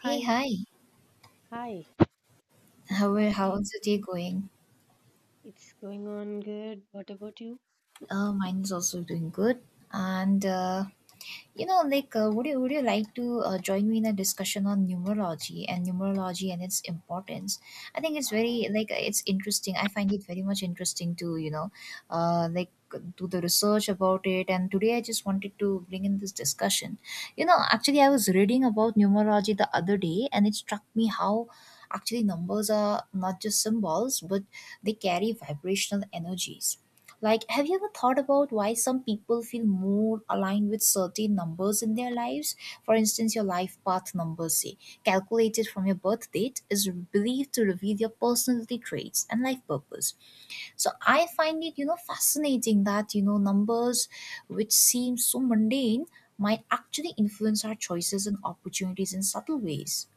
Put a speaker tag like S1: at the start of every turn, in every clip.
S1: Hey,
S2: Hi,
S1: hi.
S2: Hi. morning.
S1: How's the day going?
S2: It's going on good. What about you?
S1: Mine is also doing good. And you know, like, Would you like to join me in a discussion on numerology and its importance? I think it's very it's interesting. I find it very much interesting to uh, like do the research about it. And today I just wanted to bring in this discussion. I was reading about numerology the other day, and it struck me how actually numbers are not just symbols, but they carry vibrational energies. Like, have you ever thought about why some people feel more aligned with certain numbers in their lives? For instance, your life path number, say, calculated from your birth date, is believed to reveal your personality traits and life purpose. So I find it, fascinating that, numbers which seem so mundane might actually influence our choices and opportunities in subtle ways.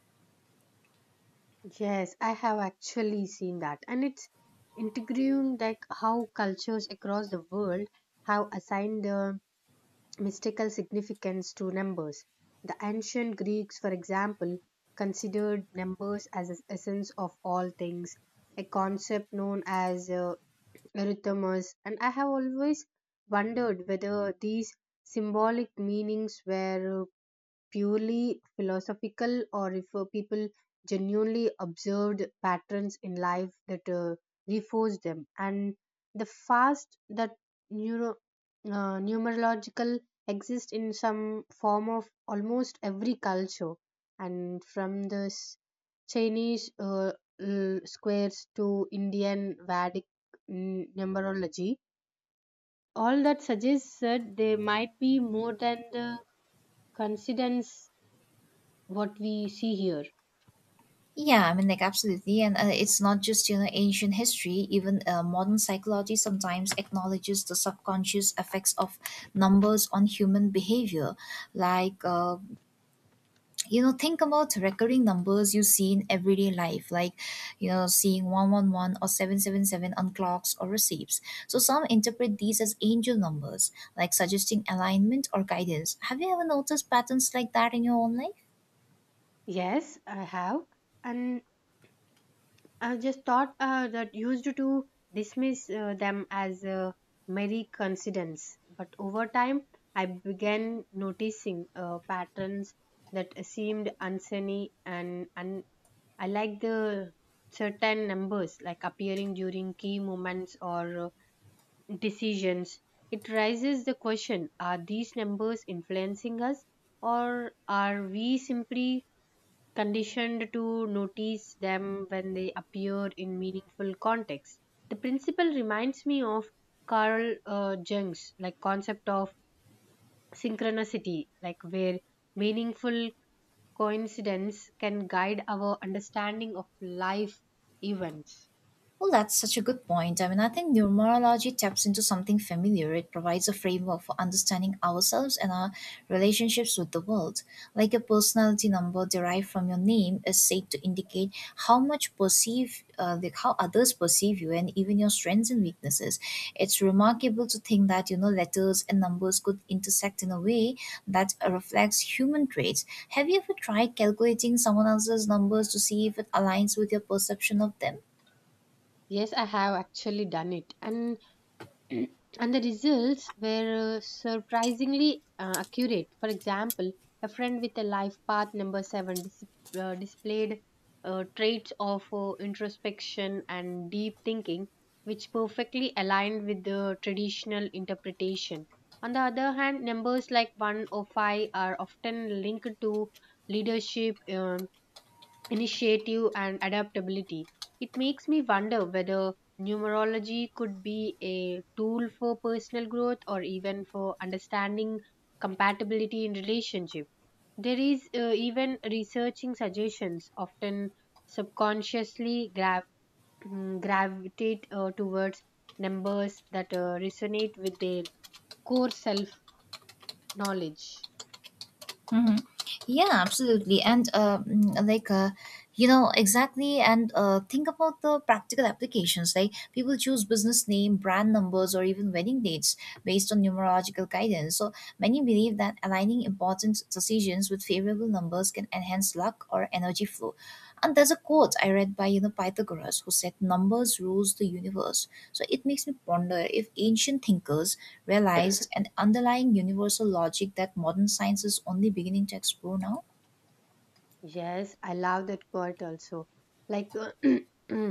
S2: Yes, I have actually seen that. And it's intriguing like how cultures across the world have assigned the mystical significance to numbers. The ancient Greeks, for example, considered numbers as the essence of all things, a concept known as arithmos. And I have always wondered whether these symbolic meanings were purely philosophical or if people genuinely observed patterns in life that reinforced them and the fast that neuro numerological exist in some form of almost every culture and from the Chinese squares to Indian Vedic numerology, all that suggests that they might be more than the coincidence what we see here.
S1: Yeah, I mean, like, absolutely. And it's not just, ancient history. Even modern psychology sometimes acknowledges the subconscious effects of numbers on human behavior. Like, uh, think about recurring numbers you see in everyday life, like, seeing 111 or 777 on clocks or receipts. So some interpret these as angel numbers, like suggesting alignment or guidance. Have you ever noticed patterns like that in your own life?
S2: Yes, I have. And I just thought that used to dismiss them as a merry coincidence. But over time, I began noticing patterns that seemed uncanny, and I like the certain numbers like appearing during key moments or decisions. It raises the question, are these numbers influencing us, or are we simply conditioned to notice them when they appear in meaningful contexts? The principle reminds me of Carl Jung's like concept of synchronicity, like where meaningful coincidence can guide our understanding of life events.
S1: Well, that's such a good point. I mean, I think numerology taps into something familiar. It provides a framework for understanding ourselves and our relationships with the world. Like, a personality number derived from your name is said to indicate how others perceive you, and even your strengths and weaknesses. It's remarkable to think that you know letters and numbers could intersect in a way that reflects human traits. Have you ever tried calculating someone else's numbers to see if it aligns with your perception of them?
S2: Yes, I have actually done it, and and the results were surprisingly accurate. For example, a friend with a life path number seven displayed traits of introspection and deep thinking, which perfectly aligned with the traditional interpretation. On the other hand, numbers like 1 or 5 are often linked to leadership, initiative and adaptability. It makes me wonder whether numerology could be a tool for personal growth or even for understanding compatibility in relationship. There is even researching suggestions often subconsciously gravitate towards numbers that resonate with their core self knowledge.
S1: hmm Yeah, absolutely. And mm, like, you know, exactly. And think about the practical applications. Like, people choose business name, brand numbers, or even wedding dates based on numerological guidance. So many believe that aligning important decisions with favorable numbers can enhance luck or energy flow. And there's a quote I read by you know Pythagoras who said numbers rules the universe. So it makes me ponder if ancient thinkers realized an underlying universal logic that modern science is only beginning to explore now.
S2: Yes, I love that quote also. Like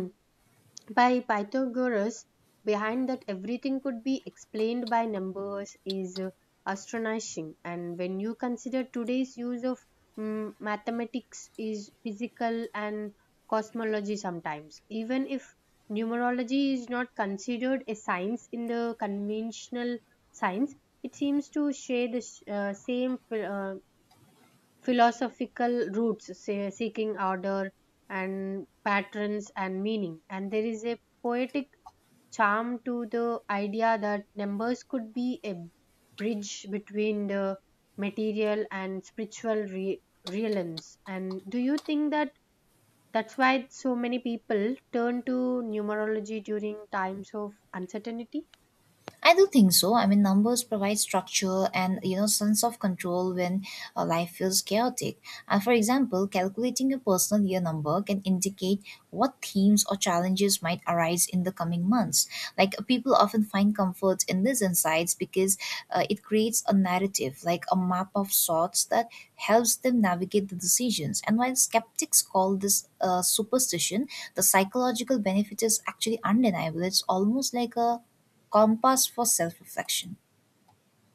S2: by Pythagoras, behind that everything could be explained by numbers is astonishing. And when you consider today's use of mathematics is physical and cosmology sometimes, even if numerology is not considered a science in the conventional science, it seems to share the same uh, philosophical roots, say, seeking order and patterns and meaning. And there is a poetic charm to the idea that numbers could be a bridge between the material and spiritual realms. And do you think that that's why so many people turn to numerology during times of uncertainty?
S1: I do think so. I mean, numbers provide structure and you know sense of control when life feels chaotic. For example, calculating a personal year number can indicate what themes or challenges might arise in the coming months. Like, people often find comfort in these insights because it creates a narrative, like a map of sorts that helps them navigate the decisions. And while skeptics call this superstition, the psychological benefit is actually undeniable. It's almost like a compass for self reflection.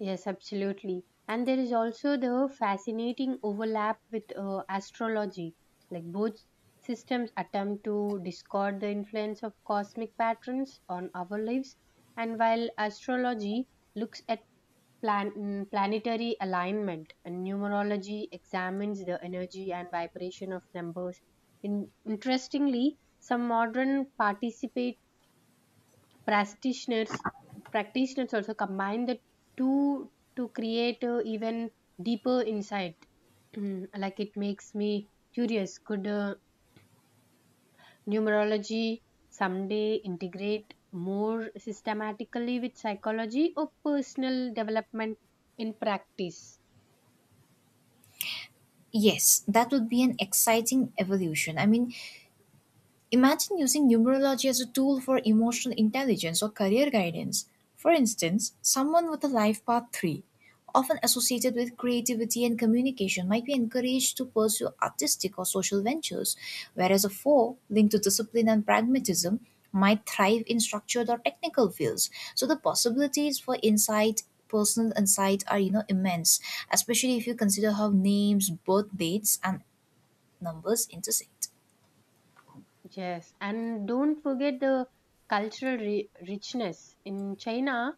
S2: Yes, absolutely. And there is also the fascinating overlap with astrology. Like both systems attempt to discard the influence of cosmic patterns on our lives. And while astrology looks at planetary alignment, and numerology examines the energy and vibration of numbers. Interestingly, some modern participate practitioners practitioners also combine the two to create even deeper insight. Like it makes me curious, could numerology someday integrate more systematically with psychology or personal development in practice?
S1: Yes, that would be an exciting evolution. I mean, imagine using numerology as a tool for emotional intelligence or career guidance. For instance, someone with a life path 3, often associated with creativity and communication, might be encouraged to pursue artistic or social ventures, whereas a 4, linked to discipline and pragmatism, might thrive in structured or technical fields. So the possibilities for insight personal insight are you know immense, especially if you consider how names, birth dates, and numbers intersect.
S2: Yes, and don't forget the cultural richness. In China,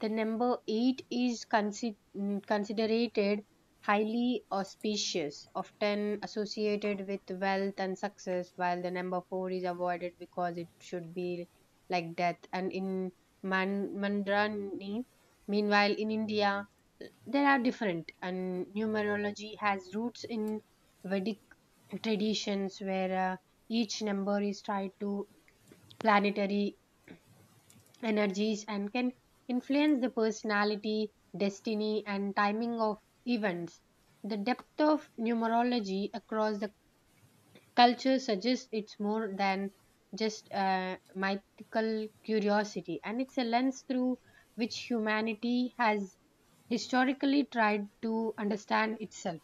S2: the number eight is considered highly auspicious, often associated with wealth and success, while the number four is avoided because it should be like death. And in Mandarani, meanwhile, in India, there are different, and numerology has roots in Vedic traditions where. Each number is tied to planetary energies and can influence the personality, destiny, and timing of events. The depth of numerology across the culture suggests it's more than just a mythical curiosity, and it's a lens through which humanity has historically tried to understand itself.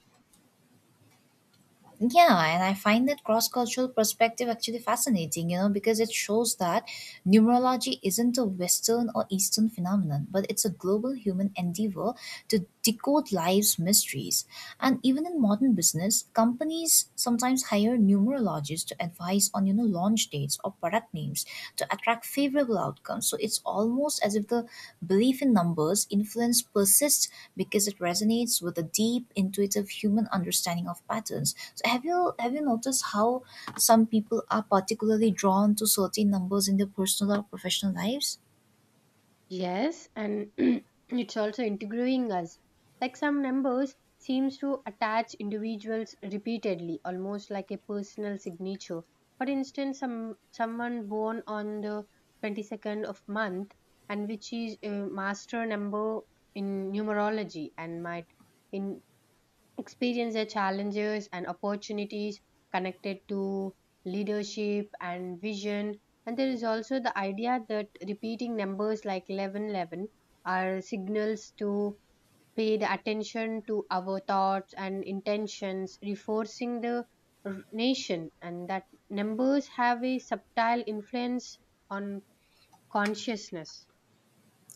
S1: Yeah, and I find that cross cultural perspective actually fascinating, you know, because it shows that numerology isn't a Western or Eastern phenomenon, but it's a global human endeavor to decode life's mysteries. And even in modern business, companies sometimes hire numerologists to advise on, launch dates or product names to attract favorable outcomes. So it's almost as if the belief in numbers influence persists because it resonates with a deep intuitive human understanding of patterns. So have you noticed how some people are particularly drawn to certain numbers in their personal or professional lives?
S2: Yes, and it's also integrating us. Like some numbers seems to attach individuals repeatedly, almost like a personal signature. For instance, someone born on the 22nd of month, and which is a master number in numerology, and might in experience the challenges and opportunities connected to leadership and vision. And there is also the idea that repeating numbers like 1111 are signals to pay the attention to our thoughts and intentions, reinforcing the nation, and that numbers have a subtle influence on consciousness.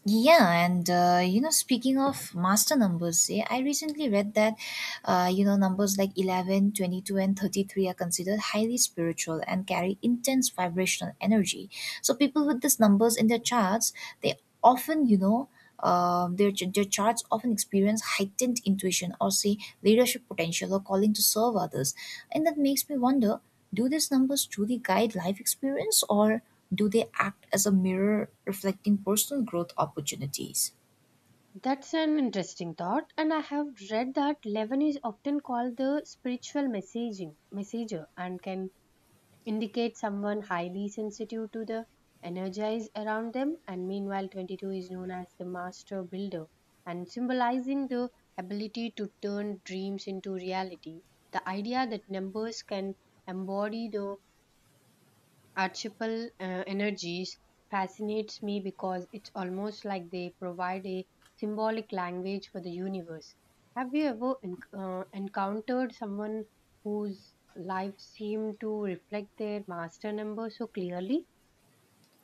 S1: Yeah, and you know, speaking of master numbers, yeah, I recently read that you know numbers like 11, 22, and 33 are considered highly spiritual and carry intense vibrational energy. So people with these numbers in their charts, they often you know. Their, ch- their charts often experience heightened intuition, or say leadership potential, or calling to serve others, and that makes me wonder, do these numbers truly guide life experience, or do they act as a mirror reflecting personal growth opportunities?
S2: That's an interesting thought, and I have read that 11 is often called the spiritual messaging messenger, and can indicate someone highly sensitive to the energies around them. And meanwhile, 22 is known as the master builder and symbolizing the ability to turn dreams into reality. The idea that numbers can embody the Archipel energies fascinates me because it's almost like they provide a symbolic language for the universe. Have you ever encountered someone whose life seemed to reflect their master number so clearly?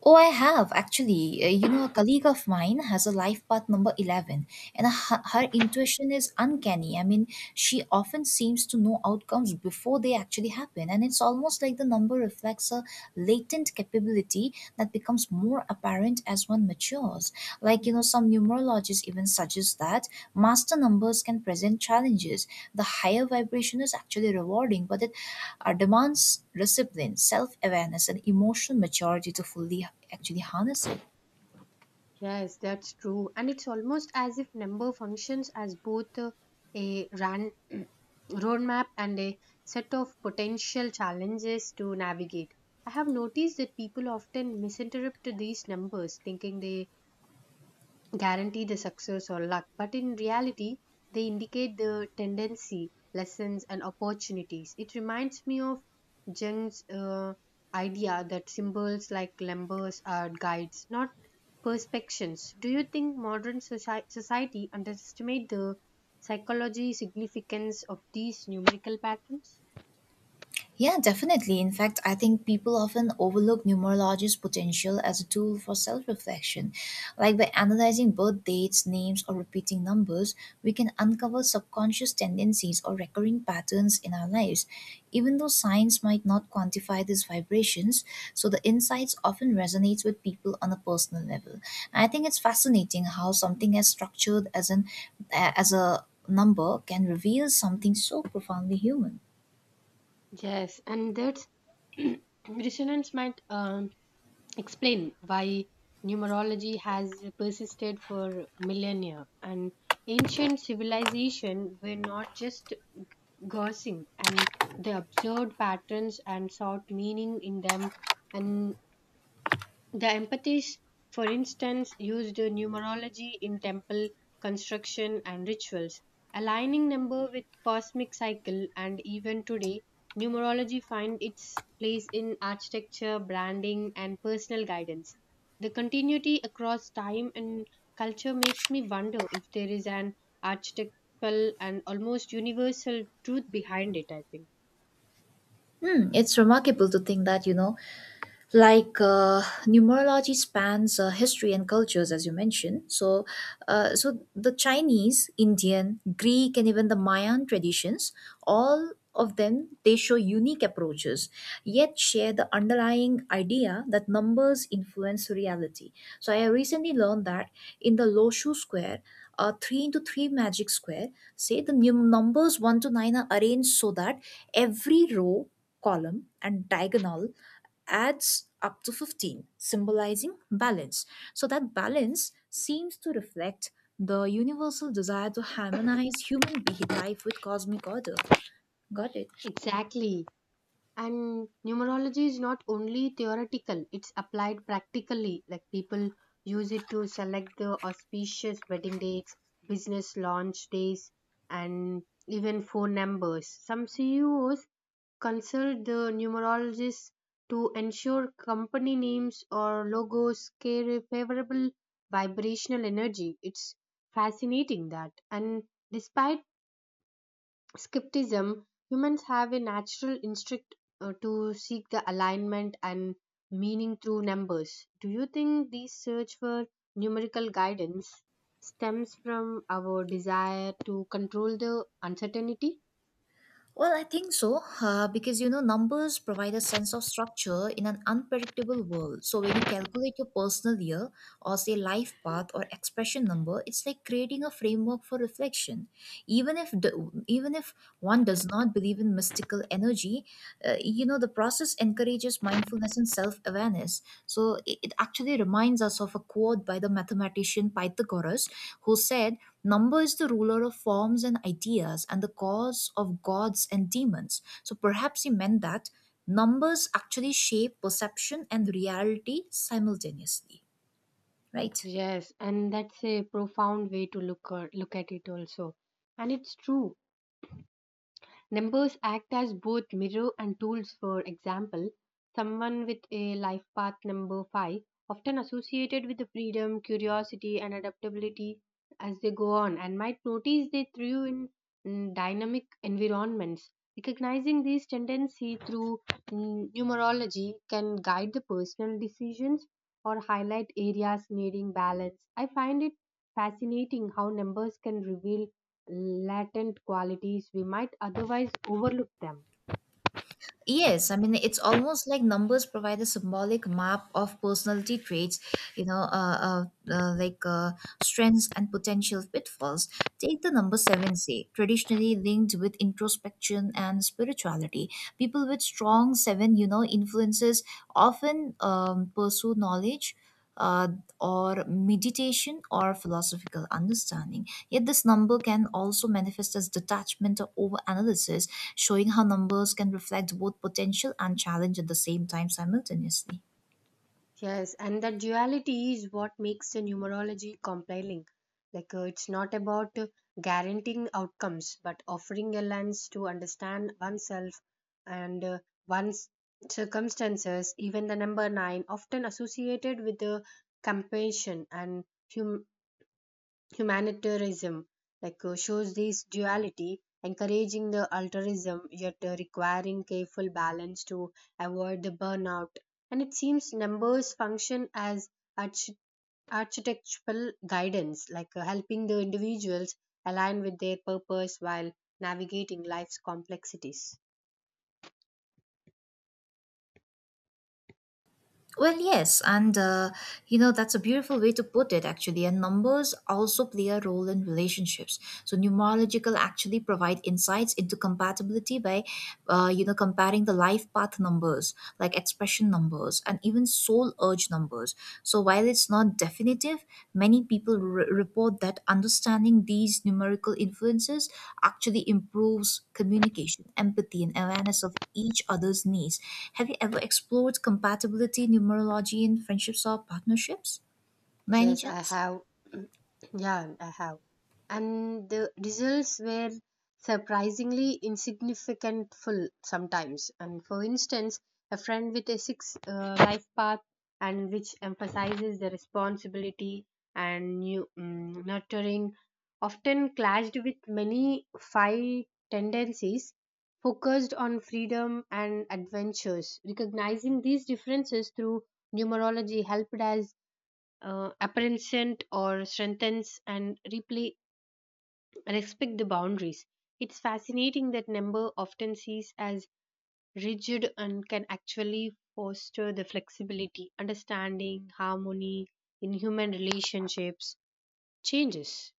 S1: Oh, I have actually. You know, a colleague of mine has a life path number 11, and her intuition is uncanny. I mean, she often seems to know outcomes before they actually happen, and it's almost like the number reflects a latent capability that becomes more apparent as one matures. Like, some numerologists even suggest that master numbers can present challenges. The higher vibration is actually rewarding, but it demands discipline, self awareness, and emotional maturity to fully actually harness it.
S2: Yes, that's true. And it's almost as if number functions as both a ran roadmap and a set of potential challenges to navigate. I have noticed that people often misinterpret these numbers, thinking they guarantee the success or luck, but in reality, they indicate the tendency, lessons, and opportunities. It reminds me of Jung's idea that symbols like numbers are guides, not perspectives. Do you think modern society underestimate the psychology significance of these numerical patterns?
S1: Yeah, definitely. In fact, I think people often overlook numerology's potential as a tool for self reflection. Like, by analyzing birth dates, names, or repeating numbers, we can uncover subconscious tendencies or recurring patterns in our lives. Even though science might not quantify these vibrations, so the insights often resonates with people on a personal level. And I think it's fascinating how something as structured as an as a number can reveal something so profoundly human.
S2: Yes, and that's resonance might explain why numerology has persisted for millennia. And ancient civilization were not just guessing, and they observed patterns and sought meaning in them, and the empathies, for instance, used numerology in temple construction and rituals, aligning number with cosmic cycle. And even today numerology finds its place in architecture, branding and personal guidance. The continuity across time and culture makes me wonder if there is an archetypal and almost universal truth behind it, I think.
S1: Hmm, it's remarkable to think that, numerology spans history and cultures as you mentioned, so so the chinese indian greek and even the mayan traditions, all of them, they show unique approaches, yet share the underlying idea that numbers influence reality. So I recently learned that in the loshu square, a 3 into 3 magic square, say, the numbers 1 to 9 are arranged so that every row, column, and diagonal adds up to 15, symbolizing balance. So that balance seems to reflect the universal desire to harmonize life with cosmic order. Got it?
S2: Exactly. And numerology is not only theoretical, it's applied practically. Like people use it to select the auspicious wedding dates, business launch days, and even phone numbers. Some CEOs consult the numerologists to ensure company names or logos carry favorable vibrational energy. It's fascinating that. And despite skepticism, humans have a natural instinct to seek the alignment and meaning through numbers. Do you think this search for numerical guidance stems from our desire to control the uncertainty?
S1: Well, I think so, because you know, numbers provide a sense of structure in an unpredictable world. So, when you calculate your personal year or say life path or expression number, it's like creating a framework for reflection. Even if the, even if one does not believe in mystical energy, you know, the process encourages mindfulness and self-awareness. So, it actually reminds us of a quote by the mathematician Pythagoras, who said, Number is the ruler of forms and ideas and the cause of gods and demons. So perhaps he meant that numbers actually shape perception and reality simultaneously, right?
S2: Yes, and that's a profound way to look at it also. And it's true. Numbers act as both mirror and tools. For example, someone with a life path number 5, often associated with the freedom, curiosity, and adaptability as they go on, and might notice they thrive in dynamic environments. Recognizing these tendencies through numerology can guide the personal decisions or highlight areas needing balance. I find it fascinating how numbers can reveal latent qualities we might otherwise overlook them.
S1: Yes, I mean, it's almost like numbers provide a symbolic map of personality traits, you know, uh, uh, uh, like uh, strengths and potential pitfalls. Take the number seven, say, traditionally linked with introspection and spirituality. People with strong seven, influences often pursue knowledge uh, or meditation or philosophical understanding. Yet, this number can also manifest as detachment or overanalysis, showing how numbers can reflect both potential and challenge at the same time simultaneously.
S2: Yes, and that duality is what makes the numerology compelling. Like it's not about guaranteeing outcomes, but offering a lens to understand oneself and one's circumstances. Even the number nine, often associated with the compassion and hum- humanitarianism, like shows this duality, encouraging the altruism yet requiring careful balance to avoid the burnout. And it seems numbers function as arch- architectural guidance, like helping the individuals align with their purpose while navigating life's complexities.
S1: Well, yes, and you know, that's a beautiful way to put it, actually. And numbers also play a role in relationships. So numerological actually provide insights into compatibility by, you know, comparing the life path numbers, like expression numbers, and even soul urge numbers. So while it's not definitive, many people report that understanding these numerical influences actually improves communication, empathy, and awareness of each other's needs. Have you ever explored compatibility numerology in friendships or partnerships? By any
S2: Yes, I
S1: chance?
S2: have. Yeah, I have. And the results were surprisingly insignificant full sometimes. And for instance, a friend with a six life path, and which emphasizes the responsibility and new, mm nurturing, often clashed with many five tendencies focused on freedom and adventures. Recognizing these differences through numerology helped us apprehensive or strengthens and replay respect the boundaries. It's fascinating that number often sees as rigid and can actually foster the flexibility, understanding, harmony in human relationships changes.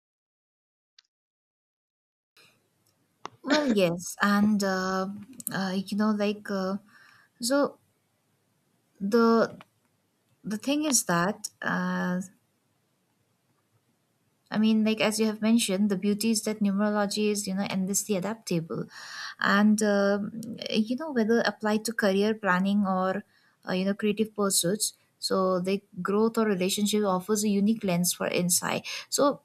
S1: Well, yes, and you know, like so the thing is that I mean, like as you have mentioned, the beauty is that numerology is you know endlessly adaptable, and you know whether applied to career planning or you know creative pursuits. So the growth or relationship offers a unique lens for insight. So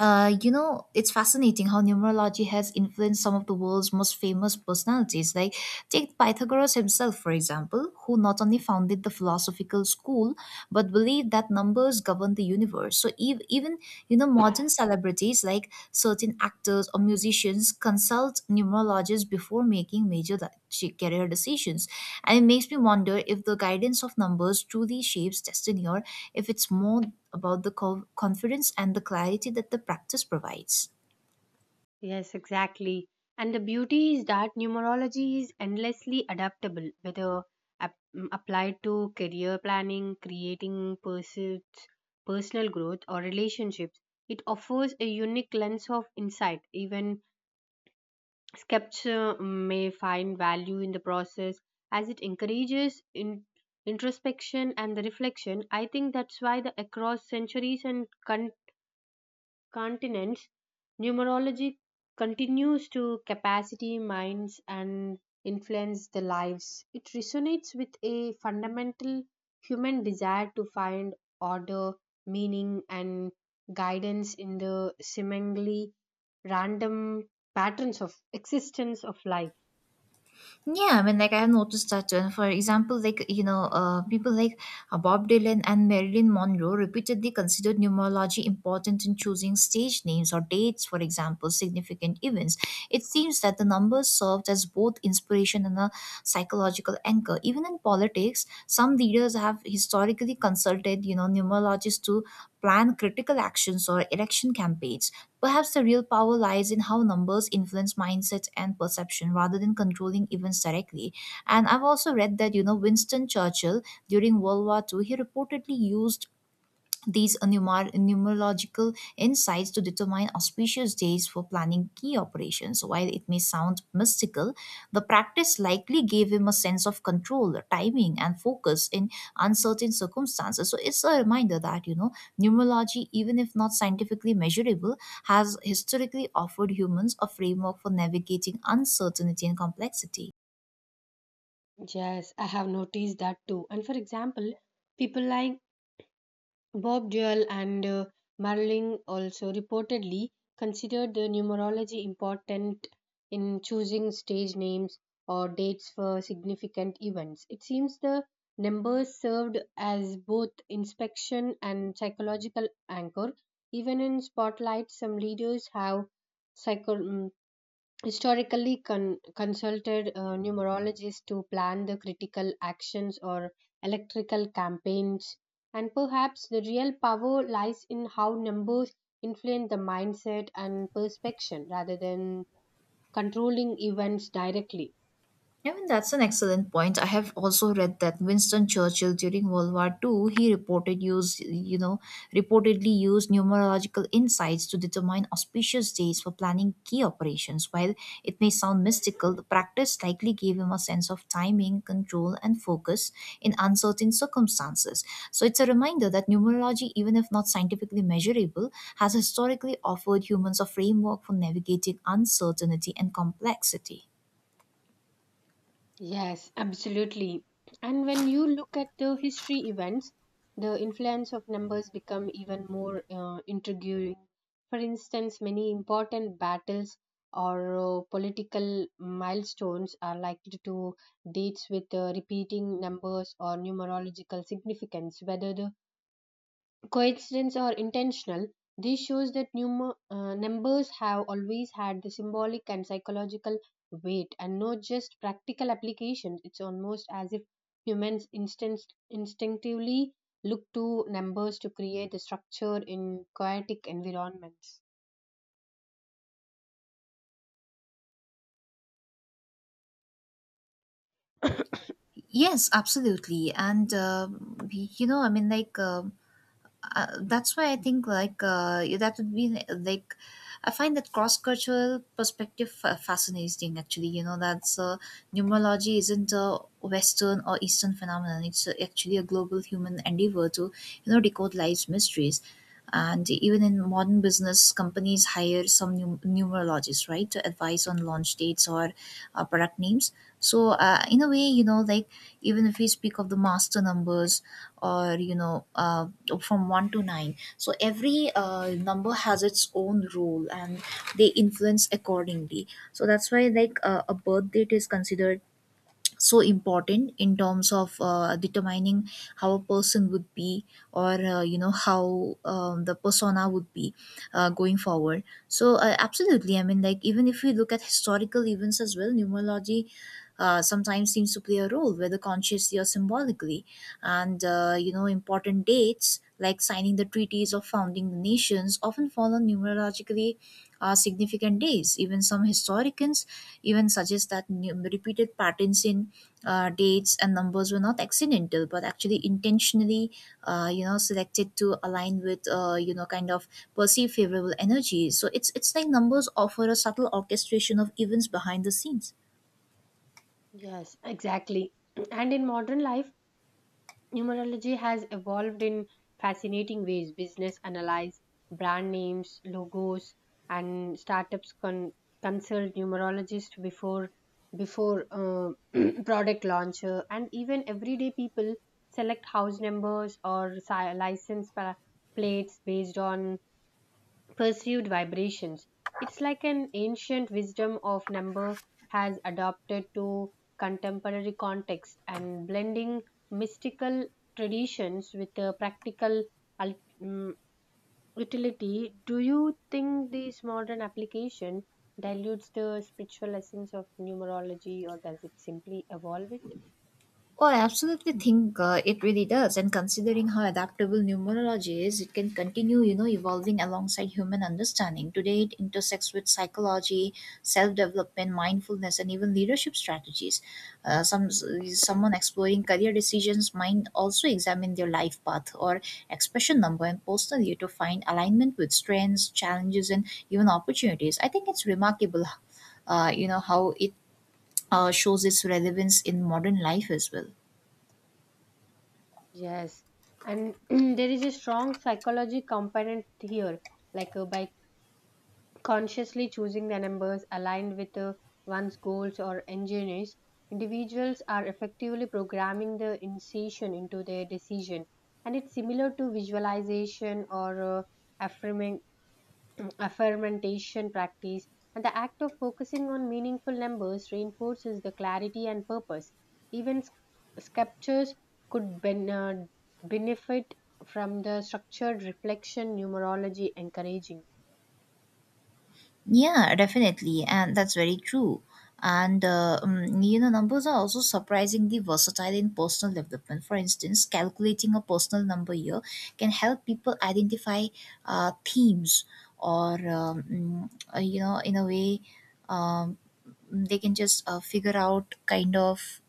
S1: you know, it's fascinating how numerology has influenced some of the world's most famous personalities. Like, take Pythagoras himself, for example, who not only founded the philosophical school, but believed that numbers govern the universe. So, even, modern celebrities studies like certain actors or musicians consult numerologists before making career decisions. And it makes me wonder if the guidance of numbers truly shapes destiny, or if it's more about the confidence and the clarity that the practice provides.
S2: Yes, exactly. And the beauty is that numerology is endlessly adaptable, whether applied to career planning, creating pursuits, personal growth, or relationships. It offers a unique lens of insight. Even skeptics may find value in the process as it encourages introspection and the reflection. I think that's why the across centuries and continents, numerology continues to capacity minds and influence the lives. It resonates with a fundamental human desire to find order, meaning, and guidance in the seemingly random patterns of existence of life.
S1: Yeah, I mean, like I have noticed that, and for example, like you know, people like Bob Dylan and Marilyn Monroe repeatedly considered numerology important in choosing stage names or dates, for example, significant events. It seems that the numbers served as both inspiration and a psychological anchor. Even in politics, some leaders have historically consulted, numerologists to plan critical actions or election campaigns. Perhaps the real power lies in how numbers influence mindsets and perception rather than controlling events directly. And I've also read that, Winston Churchill during World War Two, he reportedly used these numerological insights to determine auspicious days for planning key operations. While it may sound mystical, the practice likely gave him a sense of control, timing, and focus in uncertain circumstances. So it's a reminder that, numerology, even if not scientifically measurable, has historically offered humans a framework for navigating uncertainty and complexity.
S2: Yes, I have noticed that too. And for example, people like Bob Dole and Marling also reportedly considered the numerology important in choosing stage names or dates for significant events. It seems the numbers served as both inspection and psychological anchor. Even in spotlight, some leaders have psycho- mm, historically consulted numerologists to plan the critical actions or electrical campaigns. And perhaps the real power lies in how numbers influence the mindset and perception rather than controlling events directly.
S1: I mean, that's an excellent point. I have also read that Winston Churchill during World War Two he reported used, you know, reportedly used numerological insights to determine auspicious days for planning key operations. While it may sound mystical, the practice likely gave him a sense of timing, control, and focus in uncertain circumstances. So it's a reminder that numerology, even if not scientifically measurable, has historically offered humans a framework for navigating uncertainty and complexity.
S2: Yes, absolutely. And when you look at the history events, the influence of numbers become even more intriguing. For instance, many important battles or political milestones are likely to dates with repeating numbers or numerological significance, whether the coincidence or intentional, this shows that numbers have always had the symbolic and psychological weight and not just practical applications. It's almost as if humans instinctively look to numbers to create the structure in chaotic environments.
S1: Yes, absolutely. You know, I mean, like, um that's why that would be, like, I find that cross-cultural perspective fascinating, actually. You know, that's Numerology isn't a Western or Eastern phenomenon. It's actually a global human endeavor to, decode life's mysteries. And even in modern business, companies hire some numerologists, right, to advise on launch dates or product names. So, in a way, even if we speak of the master numbers or from one to nine, so every number has its own role and they influence accordingly. So, that's why a birth date is considered so important in terms of determining how a person would be or how the persona would be going forward. So absolutely. I mean, like, even if we look at historical events as well, numerology sometimes seems to play a role, whether consciously or symbolically. And, important dates like signing the treaties or founding the nations often fall on numerologically significant days. Even some historians even suggest that repeated patterns in dates and numbers were not accidental, but actually intentionally selected to align with, kind of perceived favorable energies. So it's like numbers offer a subtle orchestration of events behind the scenes.
S2: Yes, exactly. And in modern life, numerology has evolved in fascinating ways. Business analyze brand names, logos, and startups consult numerologists before product launcher, and even everyday people select house numbers or license plates based on perceived vibrations. It's like an ancient wisdom of number has adapted to contemporary context and blending mystical traditions with a practical ul- mm, utility. Do you think this modern application dilutes the spiritual essence of numerology or does it simply evolve it?
S1: Oh, I absolutely think it really does. And considering how adaptable numerology is, it can continue, evolving alongside human understanding. Today, it intersects with psychology, self-development, mindfulness, and even leadership strategies. Someone exploring career decisions might also examine their life path or expression number and personally to find alignment with strengths, challenges, and even opportunities. I think it's remarkable, how it shows its relevance in modern life as well.
S2: Yes, and there is a strong psychology component here, like by consciously choosing the numbers aligned with one's goals or engineers, individuals are effectively programming the incision into their decision. And it's similar to visualization or affirming, affirmation practice. And the act of focusing on meaningful numbers reinforces the clarity and purpose. Even sculptures could benefit from the structured reflection numerology encouraging.
S1: Yeah, definitely, and that's very true. And numbers are also surprisingly versatile in personal development. For instance, calculating a personal number here can help people identify themes, or in a way, um, they can just figure out kind of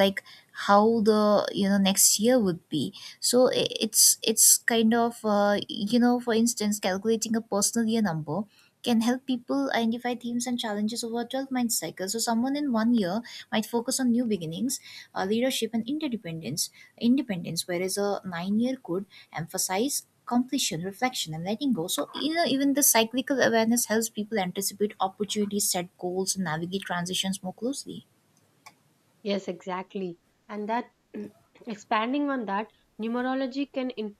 S1: like how the you know next year would be so I- It's kind of, for instance, calculating a personal year number can help people identify themes and challenges over a 12-month cycle. So someone in one year might focus on new beginnings, leadership, and interdependence independence, whereas a nine-year could emphasize completion, reflection, and letting go. So even the cyclical awareness helps people anticipate opportunities, set goals, and navigate transitions more closely.
S2: Yes, exactly. And that expanding on that, numerology can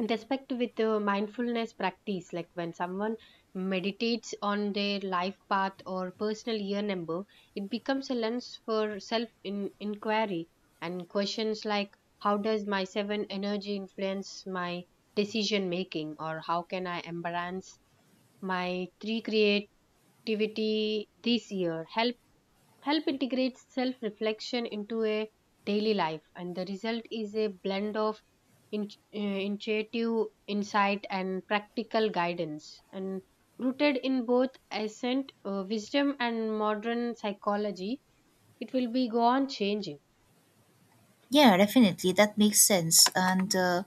S2: intersect with the mindfulness practice. Like when someone meditates on their life path or personal year number, it becomes a lens for self inquiry and questions like, how does my seven energy influence my decision making, or how can I embrace my three create activity this year, help help integrate self reflection into a daily life. And the result is a blend of in, intuitive insight and practical guidance, and rooted in both ancient wisdom and modern psychology. It will be go on changing.
S1: Yeah, definitely. That makes sense.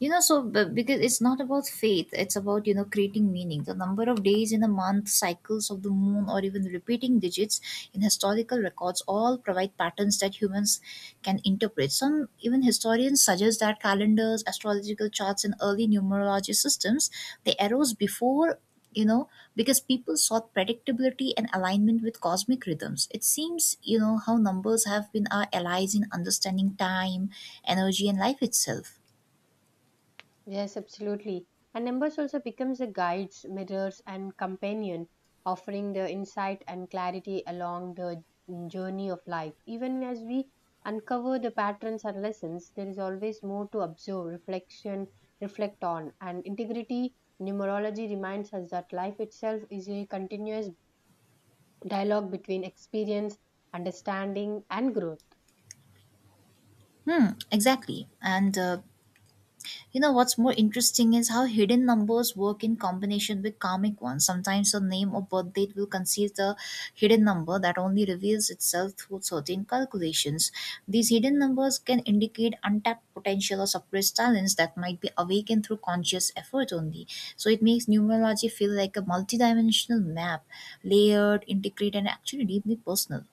S1: Because it's not about faith, it's about, creating meaning. The number of days in a month, cycles of the moon, or even repeating digits in historical records all provide patterns that humans can interpret. Some even historians suggest that calendars, astrological charts, and early numerology systems, they arose before, you know, because people sought predictability and alignment with cosmic rhythms. It seems, how numbers have been our allies in understanding time, energy, and life itself.
S2: Yes, absolutely. And numbers also becomes the guides, mirrors, and companion, offering the insight and clarity along the journey of life. Even as we uncover the patterns and lessons, there is always more to observe, reflect on, and integrity. Numerology reminds us that life itself is a continuous dialogue between experience, understanding, and growth.
S1: Hmm, exactly. And You know what's more interesting is how hidden numbers work in combination with karmic ones. Sometimes a name or birth date will conceal the hidden number that only reveals itself through certain calculations. These hidden numbers can indicate untapped potential or suppressed talents that might be awakened through conscious effort only. So it makes numerology feel like a multidimensional map, layered, intricate, and actually deeply personal.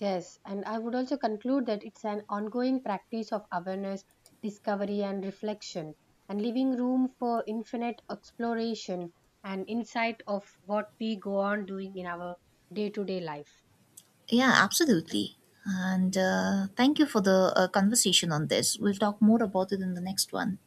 S2: Yes, and I would also conclude that it's an ongoing practice of awareness, discovery, and reflection, and leaving room for infinite exploration and insight of what we go on doing in our day to day life.
S1: Yeah, absolutely. And thank you for the conversation on this. We'll talk more about it in the next one.